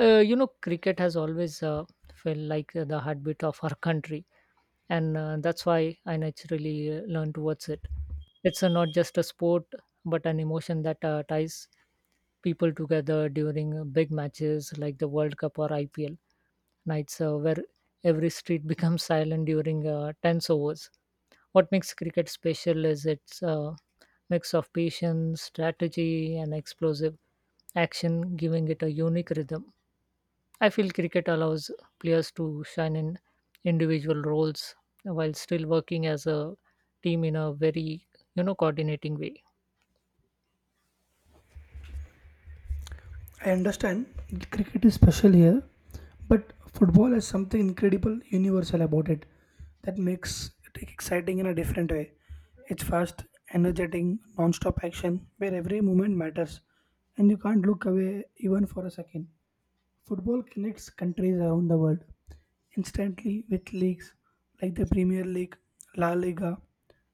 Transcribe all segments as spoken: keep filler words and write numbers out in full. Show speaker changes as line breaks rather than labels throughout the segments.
Uh, you know, cricket has always uh, felt like uh, the heartbeat of our country, and uh, that's why I naturally uh, learned towards it. It's uh, not just a sport, but an emotion that uh, ties people together during uh, big matches like the World Cup or I P L nights, uh, where every street becomes silent during uh, tense overs. What makes cricket special is its uh, mix of patience, strategy, and explosive action, giving it a unique rhythm. I feel cricket allows players to shine in individual roles while still working as a team in a very you know coordinating way.
I understand cricket is special here, but football has something incredible universal about it that makes it exciting in a different way. It's fast, energetic, non stop action where every moment matters and you can't look away even for a second. Football connects countries around the world instantly with leagues like the Premier League, La Liga,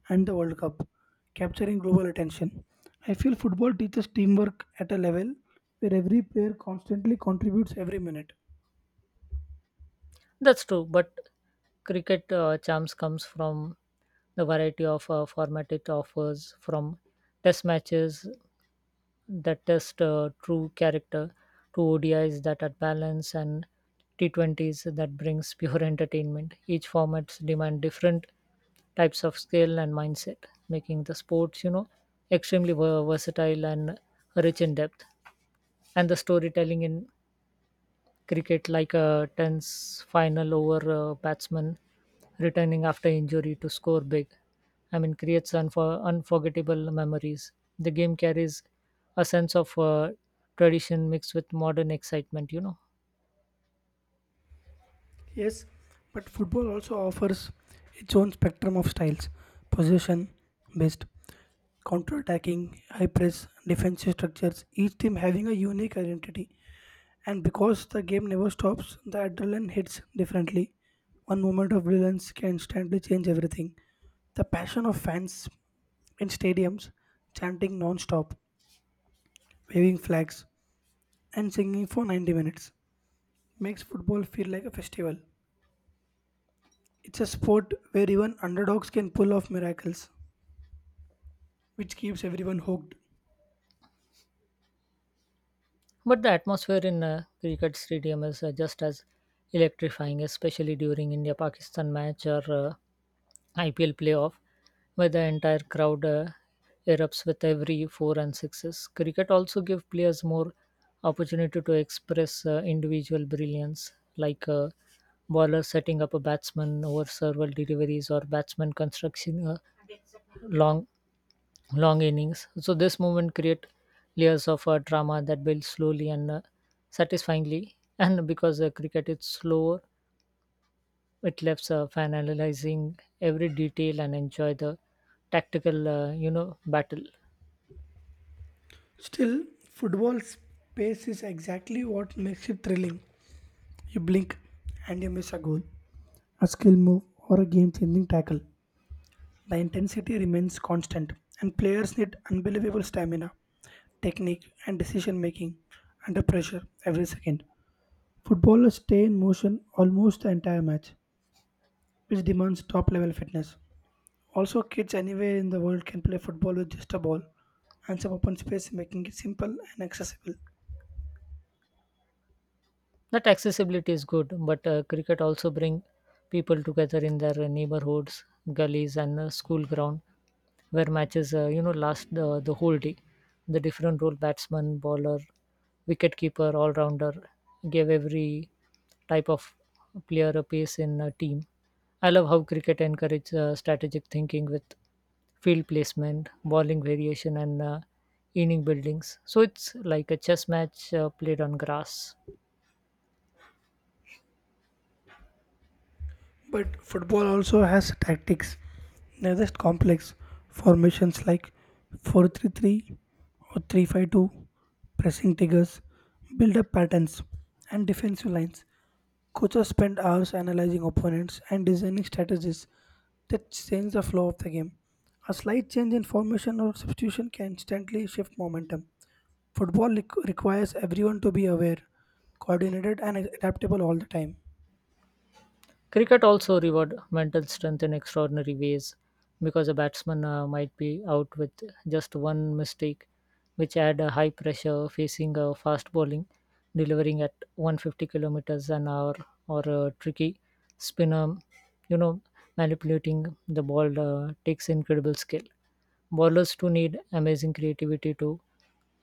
and the World Cup, capturing global attention. I feel football teaches teamwork at a level where every player constantly contributes every minute.
That's true, but cricket uh, charms comes from the variety of uh, format it offers, from test matches that test uh, true character to O D is that are balanced and T twenties that brings pure entertainment. Each formats demand different types of skill and mindset, making the sports, you know, extremely ver- versatile and rich in depth. And the storytelling in cricket like a tense final over uh, batsman returning after injury to score big. I mean, creates unfor- unforgettable memories. The game carries a sense of uh, tradition mixed with modern excitement, you know.
Yes, but football also offers its own spectrum of styles possession based, counter attacking, high press, defensive structures, each team having a unique identity. And because the game never stops, the adrenaline hits differently. One moment of brilliance can instantly change everything. The passion of fans in stadiums chanting non stop, waving flags, and singing for ninety minutes makes football feel like a festival. It's a sport where even underdogs can pull off miracles, which keeps everyone hooked.
But the atmosphere in a cricket stadium is uh, just as electrifying, especially during India Pakistan match or uh, I P L playoff, where the entire crowd uh, erupts with every four and sixes. Cricket also gives players more opportunity to express uh, individual brilliance, like a bowler setting up a batsman over several deliveries or batsman constructing a long long innings. So this movement create layers of uh, drama that build slowly and uh, satisfyingly. And because uh, cricket is slower, it lets uh, fan analyzing every detail and enjoy the tactical, uh, you know, battle.
Still, football's pace is exactly what makes it thrilling. You blink and you miss a goal, a skill move, or a game changing tackle. The intensity remains constant, and players need unbelievable stamina, technique, and decision making under pressure every second. Footballers stay in motion almost the entire match, which demands top level fitness. Also, kids anywhere in the world can play football with just a ball and some open space, making it simple and accessible.
That accessibility is good but uh, cricket also bring people together in their uh, neighborhoods gullies and uh, school ground where matches uh, you know last the, the whole day. The different role batsman bowler wicket keeper all rounder gave every type of player a pace in a team. I love how cricket encourages uh, strategic thinking with field placement bowling variation and uh, inning buildings, so it's like a chess match uh, played on grass.
But football also has tactics. They're just complex formations like four three three or three five two, pressing triggers, build-up patterns, and defensive lines. Coaches spend hours analyzing opponents and designing strategies that change the flow of the game. A slight change in formation or substitution can instantly shift momentum. Football req- requires everyone to be aware, coordinated, and adaptable all the time.
Cricket also reward mental strength in extraordinary ways because a batsman uh, might be out with just one mistake, which add a high pressure facing a fast bowling, delivering at one hundred fifty kilometers an hour or a tricky spinner. You know, manipulating the ball uh, takes incredible skill. Bowlers too need amazing creativity to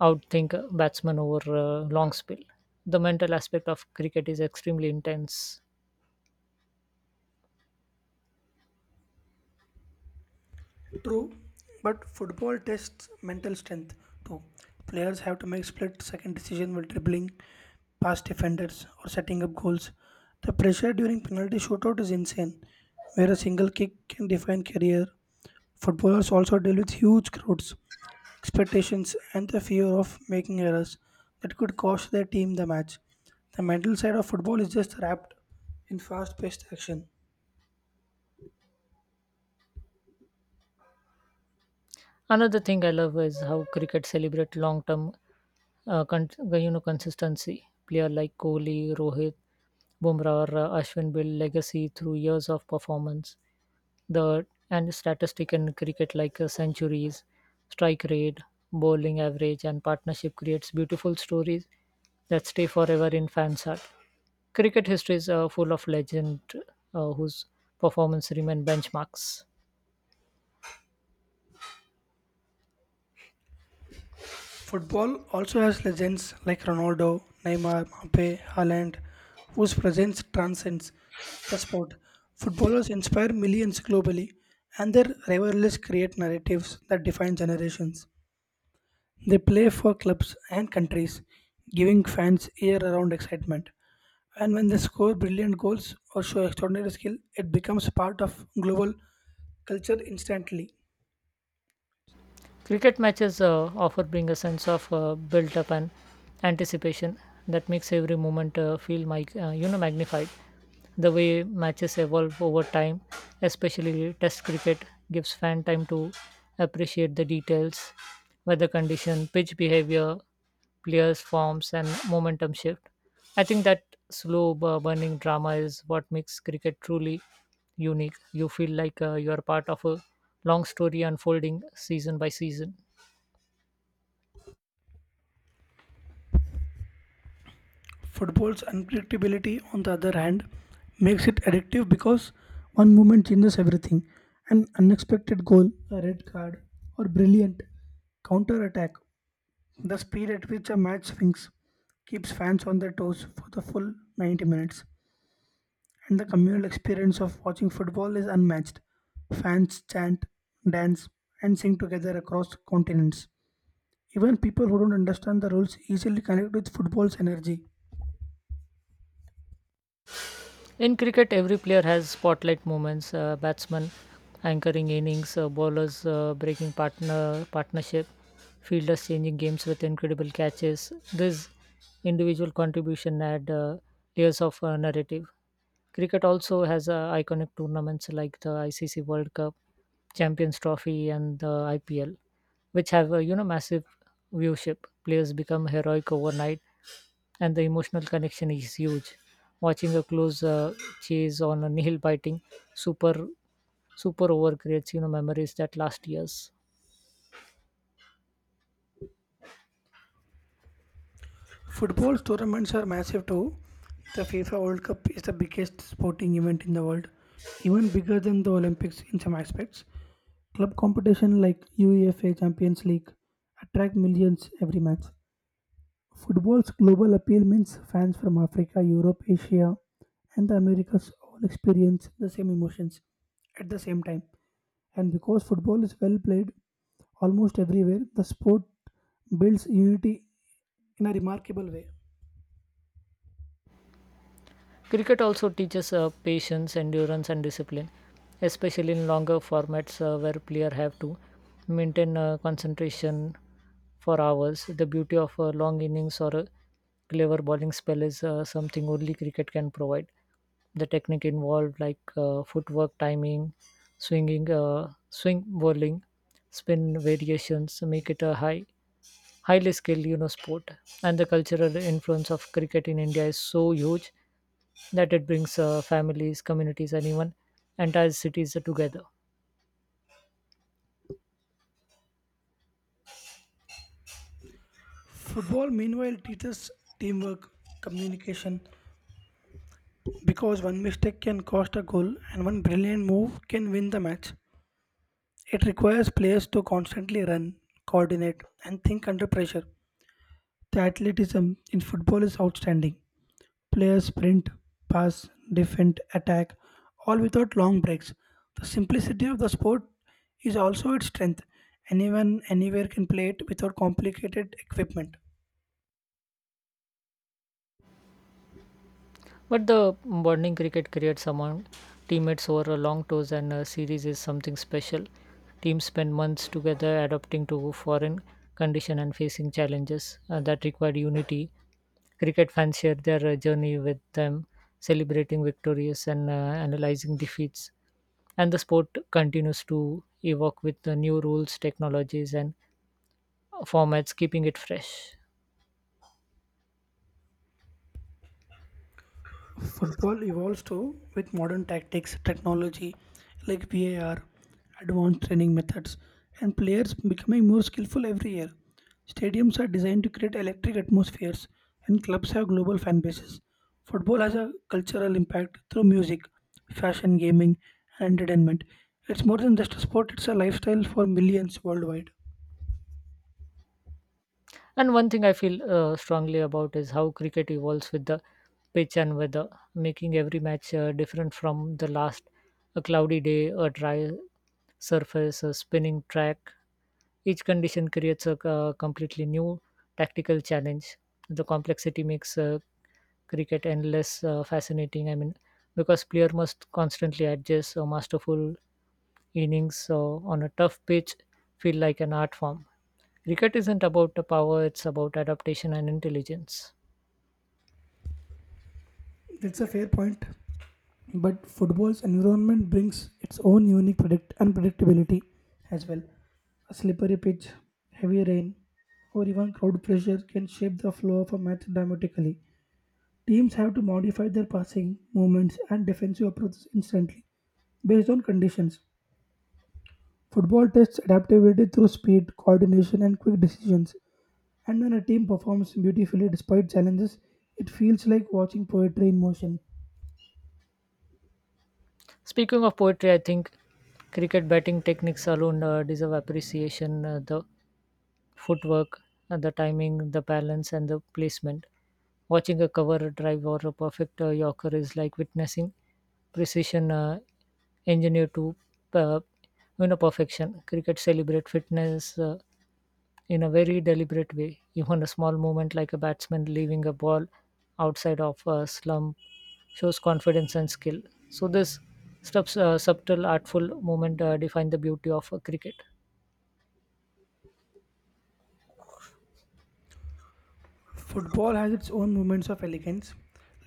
outthink a batsman over a long spell. The mental aspect of cricket is extremely intense.
True, but football tests mental strength too. Players have to make split second decision while dribbling past defenders or setting up goals. The pressure during penalty shootout is insane, where a single kick can define career. Footballers also deal with huge crowds, expectations, and the fear of making errors that could cost their team the match. The mental side of football is just wrapped in fast paced action.
Another thing I love is how cricket celebrate long-term, uh, con- uh, you know, consistency. Player like Kohli, Rohit, Bumrah, or uh, Ashwin build legacy through years of performance. The and statistic in cricket like uh, centuries, strike rate, bowling average, and partnership creates beautiful stories that stay forever in fans' heart. Cricket history is uh, full of legend uh, whose performance remain benchmarks.
Football also has legends like Ronaldo, Neymar, Mbappe, Haaland, whose presence transcends the sport. Footballers inspire millions globally, and their rivalries create narratives that define generations. They play for clubs and countries, giving fans year-round excitement. And when they score brilliant goals or show extraordinary skill, it becomes part of global culture instantly.
Cricket matches uh, offer bring a sense of uh, built up and anticipation that makes every moment uh, feel my, uh, you know magnified. The way matches evolve over time, especially Test cricket, gives fan time to appreciate the details, weather condition, pitch behavior, players' forms, and momentum shift. I think that slow bu- burning drama is what makes cricket truly unique. You feel like uh, you are part of a long story unfolding season by season.
Football's unpredictability, on the other hand, makes it addictive because one moment changes everything. An unexpected goal, a red card, or brilliant counter attack. The speed at which a match swings keeps fans on their toes for the full ninety minutes, and the communal experience of watching football is unmatched. Fans chant, dance, and sing together across continents. Even people who don't understand the rules easily connect with football's energy.
In cricket, every player has spotlight moments. Uh, batsmen anchoring innings, uh, bowlers uh, breaking partner partnership, fielders changing games with incredible catches. This individual contribution add uh, layers of uh, narrative. Cricket also has uh, iconic tournaments like the I C C World Cup, Champions Trophy, and the I P L, which have uh, you know massive viewership. Players become heroic overnight and the emotional connection is huge. Watching a close uh, chase on a nail biting super super over creates, you know, memories that last years.
Football tournaments are massive too. The FIFA World Cup is the biggest sporting event in the world, even bigger than the Olympics in some aspects. Club competition like UEFA Champions League attract millions every match. Football's global appeal means fans from Africa, Europe, Asia, and the Americas all experience the same emotions at the same time. And because football is well played almost everywhere, the sport builds unity in a remarkable way.
Cricket also teaches uh, patience, endurance, and discipline, especially in longer formats uh, where players have to maintain uh, concentration for hours. The beauty of a long innings or a clever bowling spell is uh, something only cricket can provide. The technique involved, like uh, footwork, timing, swinging, uh, swing bowling, spin variations, make it a high, highly skilled, you know, sport. And the cultural influence of cricket in India is so huge that it brings uh, families, communities, and even entire cities together.
Football, meanwhile, teaches teamwork, communication, because one mistake can cost a goal and one brilliant move can win the match. It requires players to constantly run, coordinate, and think under pressure. The athleticism in football is outstanding. Players sprint, pass, defend, attack, all without long breaks. The simplicity of the sport is also its strength. Anyone, anywhere can play it without complicated equipment.
But the bonding cricket creates among teammates over a long tours and uh, series is something special. Teams spend months together adapting to foreign condition and facing challenges uh, that require unity. Cricket fans share their uh, journey with them, celebrating victories and uh, analyzing defeats. And the sport continues to evolve with the new rules, technologies, and formats, keeping it fresh.
Football evolves too with modern tactics, technology like V A R, advanced training methods, and players becoming more skillful every year. Stadiums are designed to create electric atmospheres, and clubs have global fan bases. Football has a cultural impact through music, fashion, gaming, and entertainment. It's more than just a sport, it's a lifestyle for millions worldwide.
And one thing I feel uh, strongly about is how cricket evolves with the pitch and weather, making every match uh, different from the last. A cloudy day, a dry surface, a spinning track. Each condition creates a uh, completely new tactical challenge. The complexity makes uh, cricket endless uh, fascinating. I mean, because player must constantly adjust a masterful innings uh, on a tough pitch feel like an art form. Cricket isn't about the power, it's about adaptation and intelligence.
That's a fair point. But football's environment brings its own unique predict- unpredictability as well. A slippery pitch, heavy rain, or even crowd pressure can shape the flow of a match dramatically. Teams have to modify their passing, movements, and defensive approaches instantly based on conditions. Football tests adaptability through speed, coordination, and quick decisions. And when a team performs beautifully despite challenges, it feels like watching poetry in motion.
Speaking of poetry, I think cricket batting techniques alone uh, deserve appreciation. Uh, the footwork, uh, the timing, the balance, and the placement. Watching a cover drive or a perfect uh, yorker is like witnessing precision uh, engineered to uh, you know perfection. Cricket celebrate fitness. Uh, in a very deliberate way. Even a small movement like a batsman leaving a ball outside of a slump shows confidence and skill. So this sub- uh, subtle, artful movement uh, define the beauty of uh, cricket.
Football has its own moments of elegance,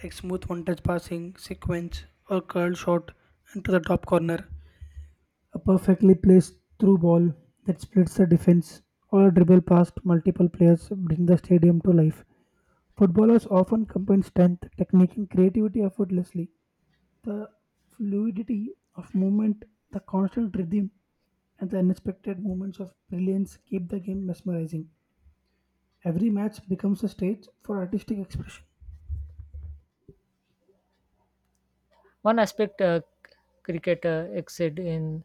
like smooth one touch passing, sequence, or curled shot into the top corner, a perfectly placed through ball that splits the defense, or a dribble past multiple players bring the stadium to life. Footballers often combine strength, technique, and creativity effortlessly. The fluidity of movement, the constant rhythm, and the unexpected moments of brilliance keep the game mesmerizing. Every match becomes a stage for artistic expression.
One aspect uh, c- cricket uh, excelled in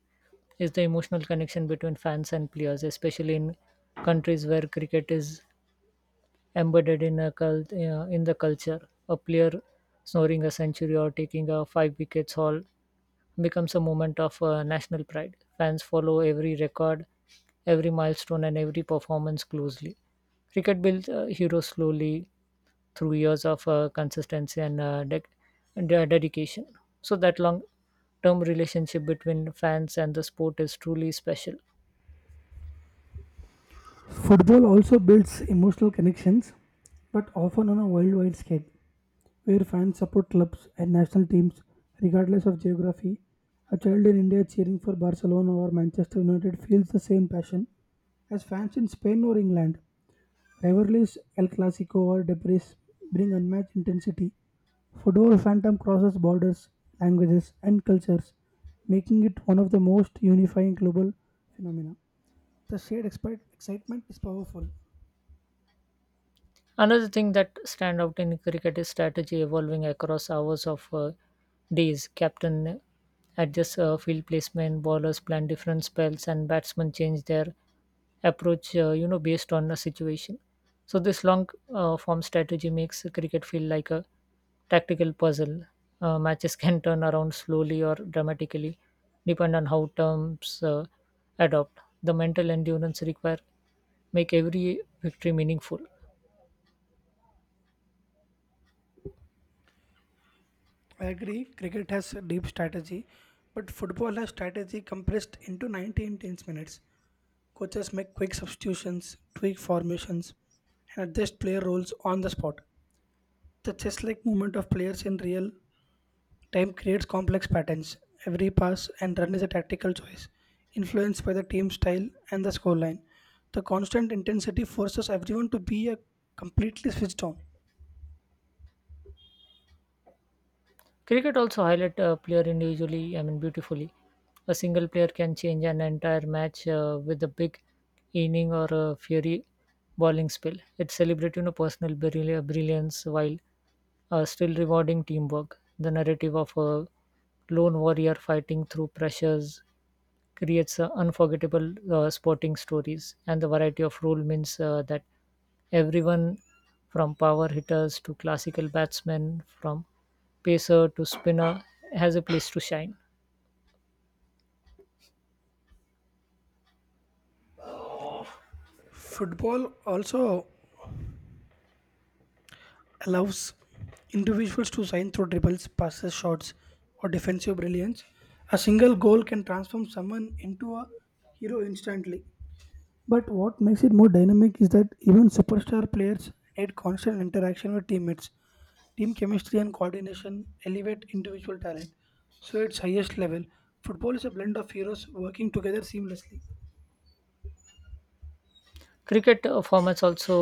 is the emotional connection between fans and players, especially in countries where cricket is embedded in a cult, uh, in the culture. A player scoring a century or taking a five wickets haul becomes a moment of uh, national pride. Fans follow every record, every milestone, and every performance closely. Cricket builds uh, heroes slowly through years of uh, consistency and uh, dec de- dedication. So that long term relationship between fans and the sport is truly special.
Football also builds emotional connections, but often on a worldwide scale, where fans support clubs and national teams regardless of geography. A child in India cheering for Barcelona or Manchester United feels the same passion as fans in Spain or England. Rivalries El Clasico or Debris bring unmatched intensity. Football phantom crosses borders, languages, and cultures, making it one of the most unifying global phenomena. The shared expi- excitement is powerful.
Another thing that stand out in cricket is strategy evolving across hours of uh, days. Captain adjusts uh, field placement, bowlers plan different spells, and batsmen change their approach, uh, you know, based on the situation. So this long uh, form strategy makes cricket feel like a tactical puzzle. Uh, matches can turn around slowly or dramatically, depend on how terms uh, adopt. The mental endurance required make every victory meaningful.
I agree, cricket has deep strategy, but football has strategy compressed into ninety intense minutes. Coaches make quick substitutions, tweak formations, and adjust player roles on the spot. The chess like movement of players in real time creates complex patterns. Every pass and run is a tactical choice, influenced by the team style and the scoreline. The constant intensity forces everyone to be a completely switched on.
Cricket also highlight a player individually, I mean beautifully. A single player can change an entire match uh, with a big inning or a fiery bowling spell. It celebrates, you know, personal brill- brilliance while uh, still rewarding teamwork. The narrative of a lone warrior fighting through pressures creates uh, unforgettable uh, sporting stories, and the variety of role means uh, that everyone from power hitters to classical batsmen, from pacer to spinner has a place to shine.
Football also allows individuals to shine through dribbles, passes, shots, or defensive brilliance. A single goal can transform someone into a hero instantly. But what makes it more dynamic is that even superstar players need constant interaction with teammates. Team chemistry and coordination elevate individual talent. So, its highest level, football is a blend of heroes working together seamlessly.
Cricket uh, formats also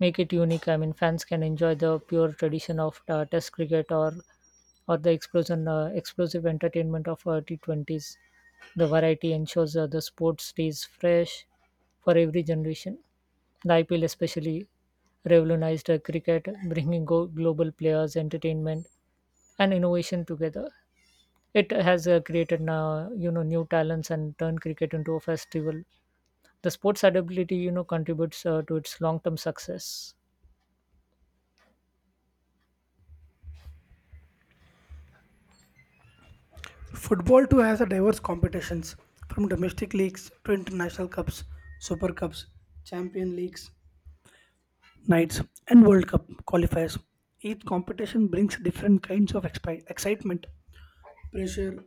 make it unique. I mean, fans can enjoy the pure tradition of uh, Test cricket or or the explosion uh, explosive entertainment of uh, T twenties. The variety ensures uh, the sport stays fresh for every generation. The I P L especially revolutionized uh, cricket, bringing go- global players, entertainment, and innovation together. It has uh, created now, you know, new talents and turned cricket into a festival. The sport's adaptability, you know, contributes uh, to its long-term success.
Football too has a diverse competitions from domestic leagues to international cups, super cups, champion leagues, nights and world cup qualifiers. Each competition brings different kinds of expi- excitement, pressure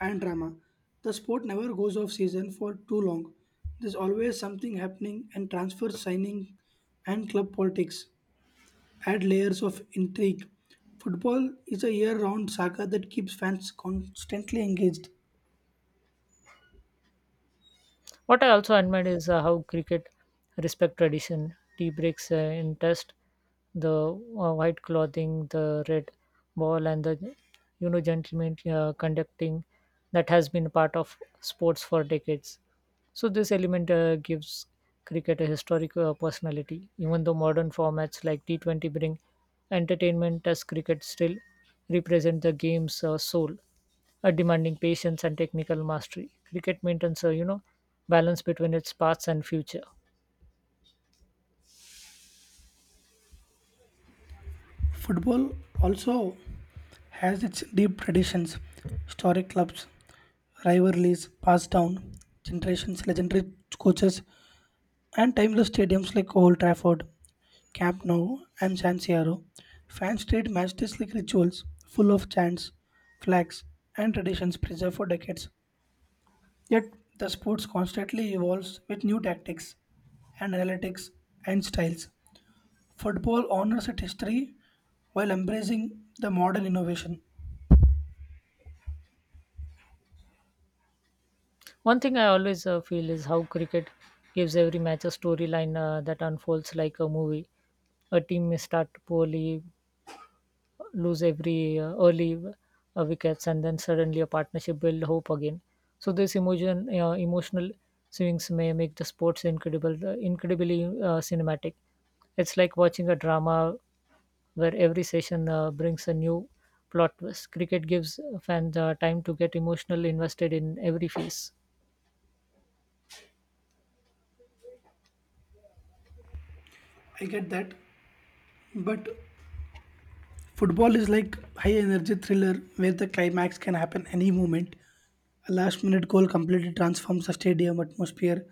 and drama. The sport never goes off season for too long. There's always something happening and transfer signing and club politics add layers of intrigue. Football is a year-round saga that keeps fans constantly engaged.
What I also admire is uh, how cricket respect tradition, tea breaks uh, in test, the uh, white clothing, the red ball, and the, you know, gentlemen uh, conducting that has been part of sports for decades. So this element uh, gives cricket a historic uh, personality. Even though modern formats like T twenty bring entertainment, as cricket still represent the game's uh, soul, uh, demanding patience and technical mastery. Cricket maintains a, you know, balance between its past and future.
Football also has its deep traditions, historic clubs, rivalries passed down, generations, legendary coaches, and timeless stadiums like Old Trafford, Camp Nou, and San Siro. Fans treat matches like rituals, full of chants, flags, and traditions preserved for decades. Yet the sports constantly evolves with new tactics, analytics, and styles. Football honors its history while embracing the modern innovation.
One thing I always uh, feel is how cricket gives every match a storyline uh, that unfolds like a movie. A team may start poorly, lose every uh, early uh, wickets, and then suddenly a partnership build hope again. So this emotion, uh, emotional swings may make the sports incredible, uh, incredibly uh, cinematic. It's like watching a drama where every session uh, brings a new plot twist. Cricket gives fans uh, time to get emotionally invested in every phase.
I get that, but football is like high energy thriller where the climax can happen any moment. A last minute goal completely transforms a stadium atmosphere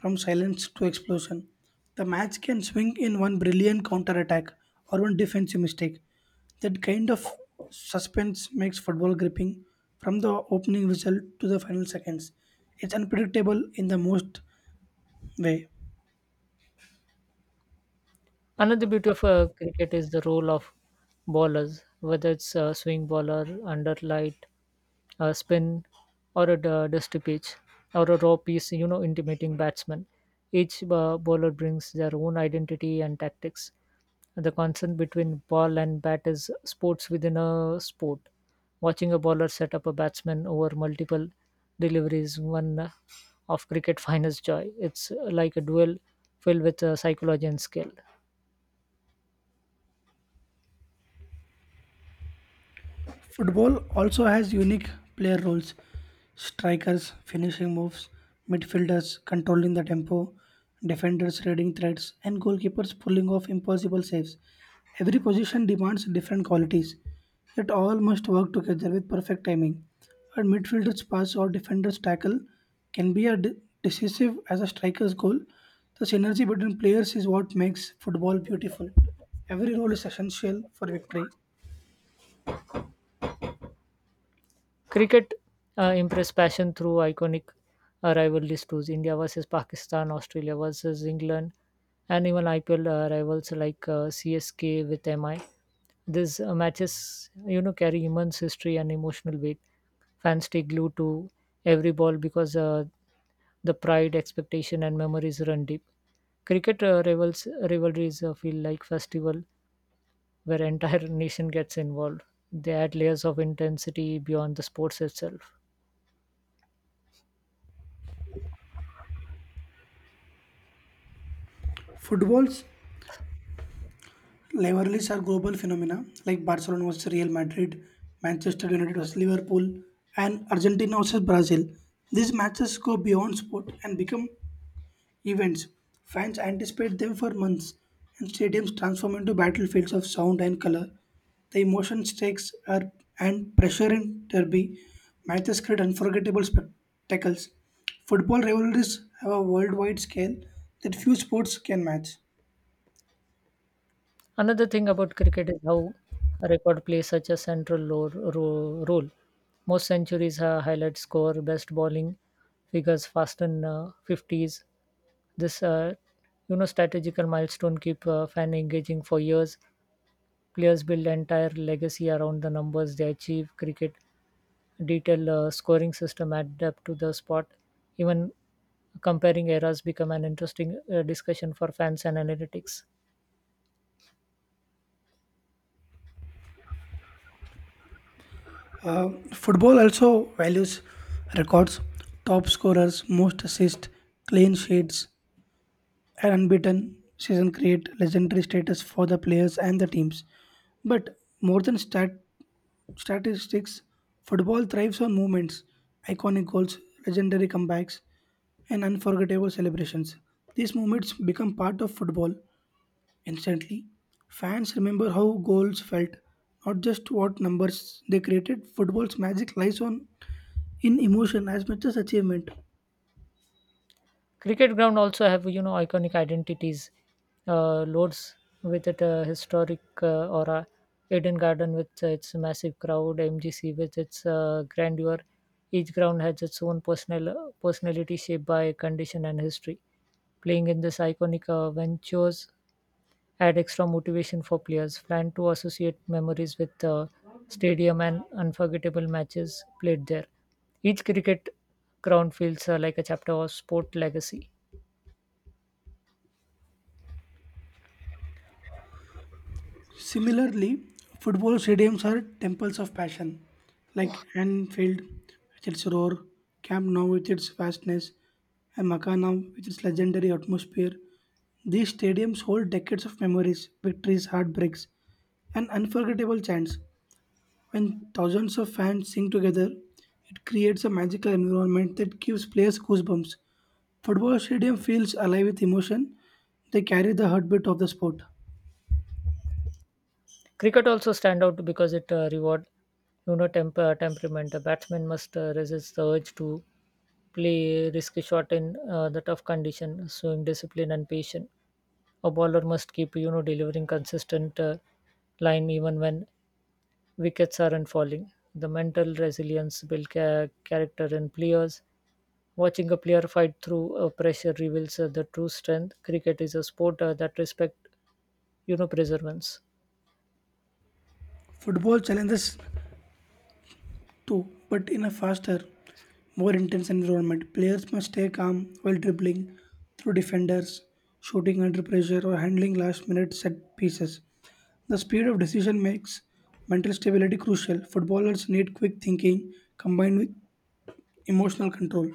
from silence to explosion. The match can swing in one brilliant counter attack or one defensive mistake. That kind of suspense makes football gripping from the opening whistle to the final seconds. It's unpredictable in the most way.
Another beauty of uh, cricket is the role of bowlers, whether it's a swing bowler, under light, a spin, or a d- dusty pitch, or a raw piece, you know, intimidating batsman. Each uh, bowler brings their own identity and tactics. The concern between ball and bat is sports within a sport. Watching a bowler set up a batsman over multiple deliveries, one of cricket finest joy. It's like a duel filled with uh, psychology and skill.
Football also has unique player roles strikers, finishing moves, midfielders controlling the tempo, defenders reading threats, and goalkeepers pulling off impossible saves. Every position demands different qualities, yet all must work together with perfect timing. A midfielder's pass or defender's tackle can be as de- decisive as a striker's goal. The synergy between players is what makes football beautiful. Every role is essential for victory.
Cricket uh, impressed passion through iconic uh, rivalries too. India versus Pakistan, Australia versus England, and even I P L uh, rivals like uh, C S K with M I. These uh, matches, you know, carry immense history and emotional weight. Fans stay glued to every ball because uh, the pride, expectation, and memories run deep. Cricket uh, rivals rivalries uh, feel like festival where entire nation gets involved. They add layers of intensity beyond the sports itself.
Football's rivalries are global phenomena like Barcelona versus Real Madrid, Manchester United versus Liverpool, and Argentina versus Brazil. These matches go beyond sport and become events. Fans anticipate them for months, and stadiums transform into battlefields of sound and color. The emotion stakes are and pressure in derby matches create unforgettable spectacles. Football rivalries have a worldwide scale that few sports can match.
Another thing about cricket is how a record plays such a central lo- ro- role. Most centuries are highlight score, best bowling figures, fast and uh, fifties. This, uh, you know, strategical milestone keep uh, fan engaging for years. Players build entire legacy around the numbers they achieve. Cricket detail uh, scoring system adapt to the spot. Even comparing eras become an interesting uh, discussion for fans and analytics.
Uh, Football also values records, top scorers, most assists, clean sheets, and unbeaten season create legendary status for the players and the teams. But more than stat statistics, football thrives on moments, iconic goals, legendary comebacks, and unforgettable celebrations. These moments become part of football instantly. Fans remember how goals felt, not just what numbers they created. Football's magic lies on in emotion as much as achievement.
Cricket ground also have, you know, iconic identities. Uh, Lords with it uh, historic uh, aura, Eden Garden with uh, its massive crowd, M G C with its uh, grandeur. Each ground has its own personal personality shaped by condition and history. Playing in this iconic uh, ventures add extra motivation for players. Plan to associate memories with uh, stadium and unforgettable matches played there. Each cricket ground feels uh, like a chapter of sport legacy.
Similarly, football stadiums are temples of passion, like Anfield with its roar, Camp Nou with its vastness, and Makana with its legendary atmosphere. These stadiums hold decades of memories, victories, heartbreaks, and unforgettable chants. When thousands of fans sing together, it creates a magical environment that gives players goosebumps. Football stadium feels alive with emotion. They carry the heartbeat of the sport.
Cricket also stand out because it uh, reward, you know, temper temperament. The batsman must uh, resist the urge to play risky shot in uh, the tough condition, showing discipline and patience. A bowler must keep, you know, delivering consistent uh, line even when wickets aren't falling. The mental resilience build ca- character in players. Watching a player fight through uh, pressure reveals uh, the true strength. Cricket is a sport uh, that respect, you know, perseverance.
Football challenges too, but in a faster, more intense environment. Players must stay calm while dribbling through defenders, shooting under pressure, or handling last minute set pieces. The speed of decision makes mental stability crucial. Footballers need quick thinking combined with emotional control.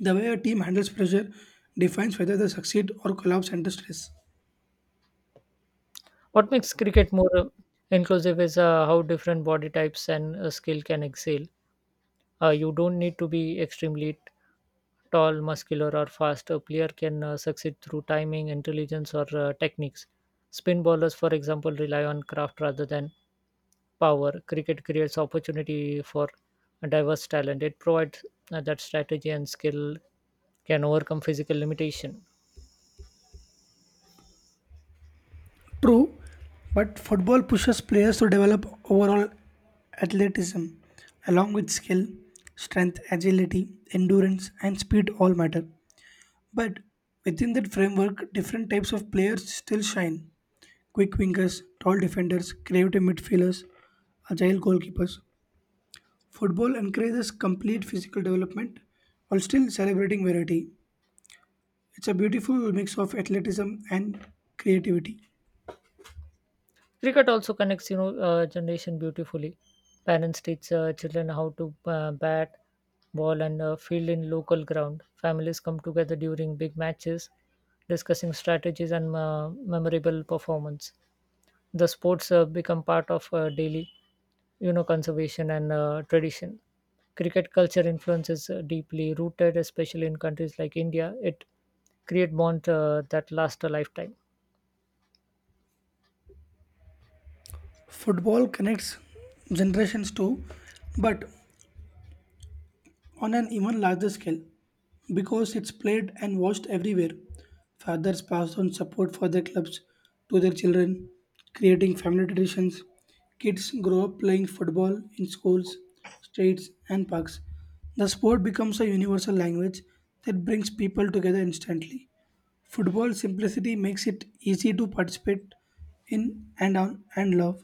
The way a team handles pressure defines whether they succeed or collapse under stress.
What makes cricket more uh, inclusive is uh, how different body types and uh, skill can excel. Uh, you don't need to be extremely tall, muscular, or fast. A player can uh, succeed through timing, intelligence, or uh, techniques. Spin bowlers, for example, rely on craft rather than power. Cricket creates opportunity for diverse talent. It provides uh, that strategy and skill can overcome physical limitation.
True, but football pushes players to develop overall athleticism along with skill, strength, agility, endurance, and speed all matter. But within that framework, different types of players still shine quick wingers, tall defenders, creative midfielders, agile goalkeepers. Football encourages complete physical development while still celebrating variety. It's a beautiful mix of athleticism and creativity.
Cricket also connects, you know, uh, generation beautifully. Parents teach uh, children how to uh, bat, ball, and uh, field in local ground. Families come together during big matches, discussing strategies and uh, memorable performance. The sports uh, become part of uh, daily, you know, conservation and uh, tradition. Cricket culture influences uh, deeply rooted, especially in countries like India. It create bond uh, that last a lifetime.
Football connects generations too, but on an even larger scale because it's played and watched everywhere. Fathers pass on support for their clubs to their children, creating family traditions. Kids grow up playing football in schools, streets, and parks. The sport becomes a universal language that brings people together instantly. Football's simplicity makes it easy to participate in and on and love.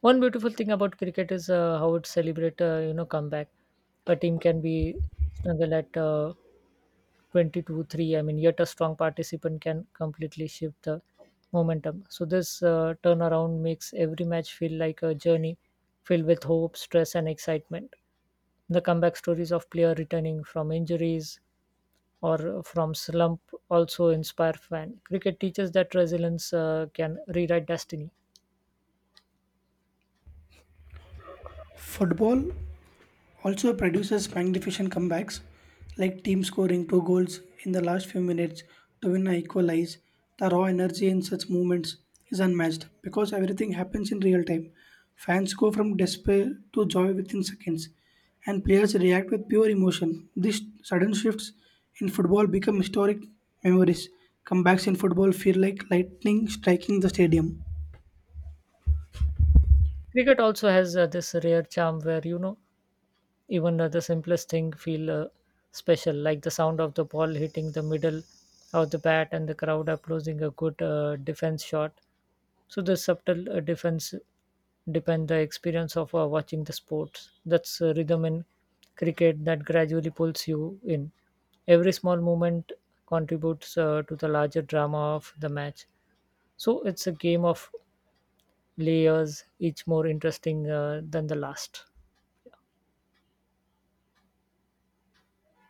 One beautiful thing about cricket is uh, how it celebrate uh, you know comeback. A team can be snuggle at uh, twenty-two three. I mean, yet a strong participant can completely shift the momentum. So this uh, turnaround makes every match feel like a journey filled with hope, stress, and excitement. The comeback stories of player returning from injuries or from slump also inspire fan. Cricket teaches that resilience uh, can rewrite destiny.
Football also produces magnificent comebacks like teams scoring two goals in the last few minutes to win or equalize. The raw energy in such moments is unmatched because everything happens in real time. Fans go from despair to joy within seconds, and players react with pure emotion. These sudden shifts in football become historic memories. Comebacks in football feel like lightning striking the stadium.
Cricket also has uh, this rare charm where, you know, even uh, the simplest thing feel uh, special, like the sound of the ball hitting the middle of the bat and the crowd applauding a good uh, defense shot. So the subtle uh, defense depend the experience of uh, watching the sports. That's uh, rhythm in cricket that gradually pulls you in. Every small movement contributes uh, to the larger drama of the match. So it's a game of layers, each more interesting uh, than the last.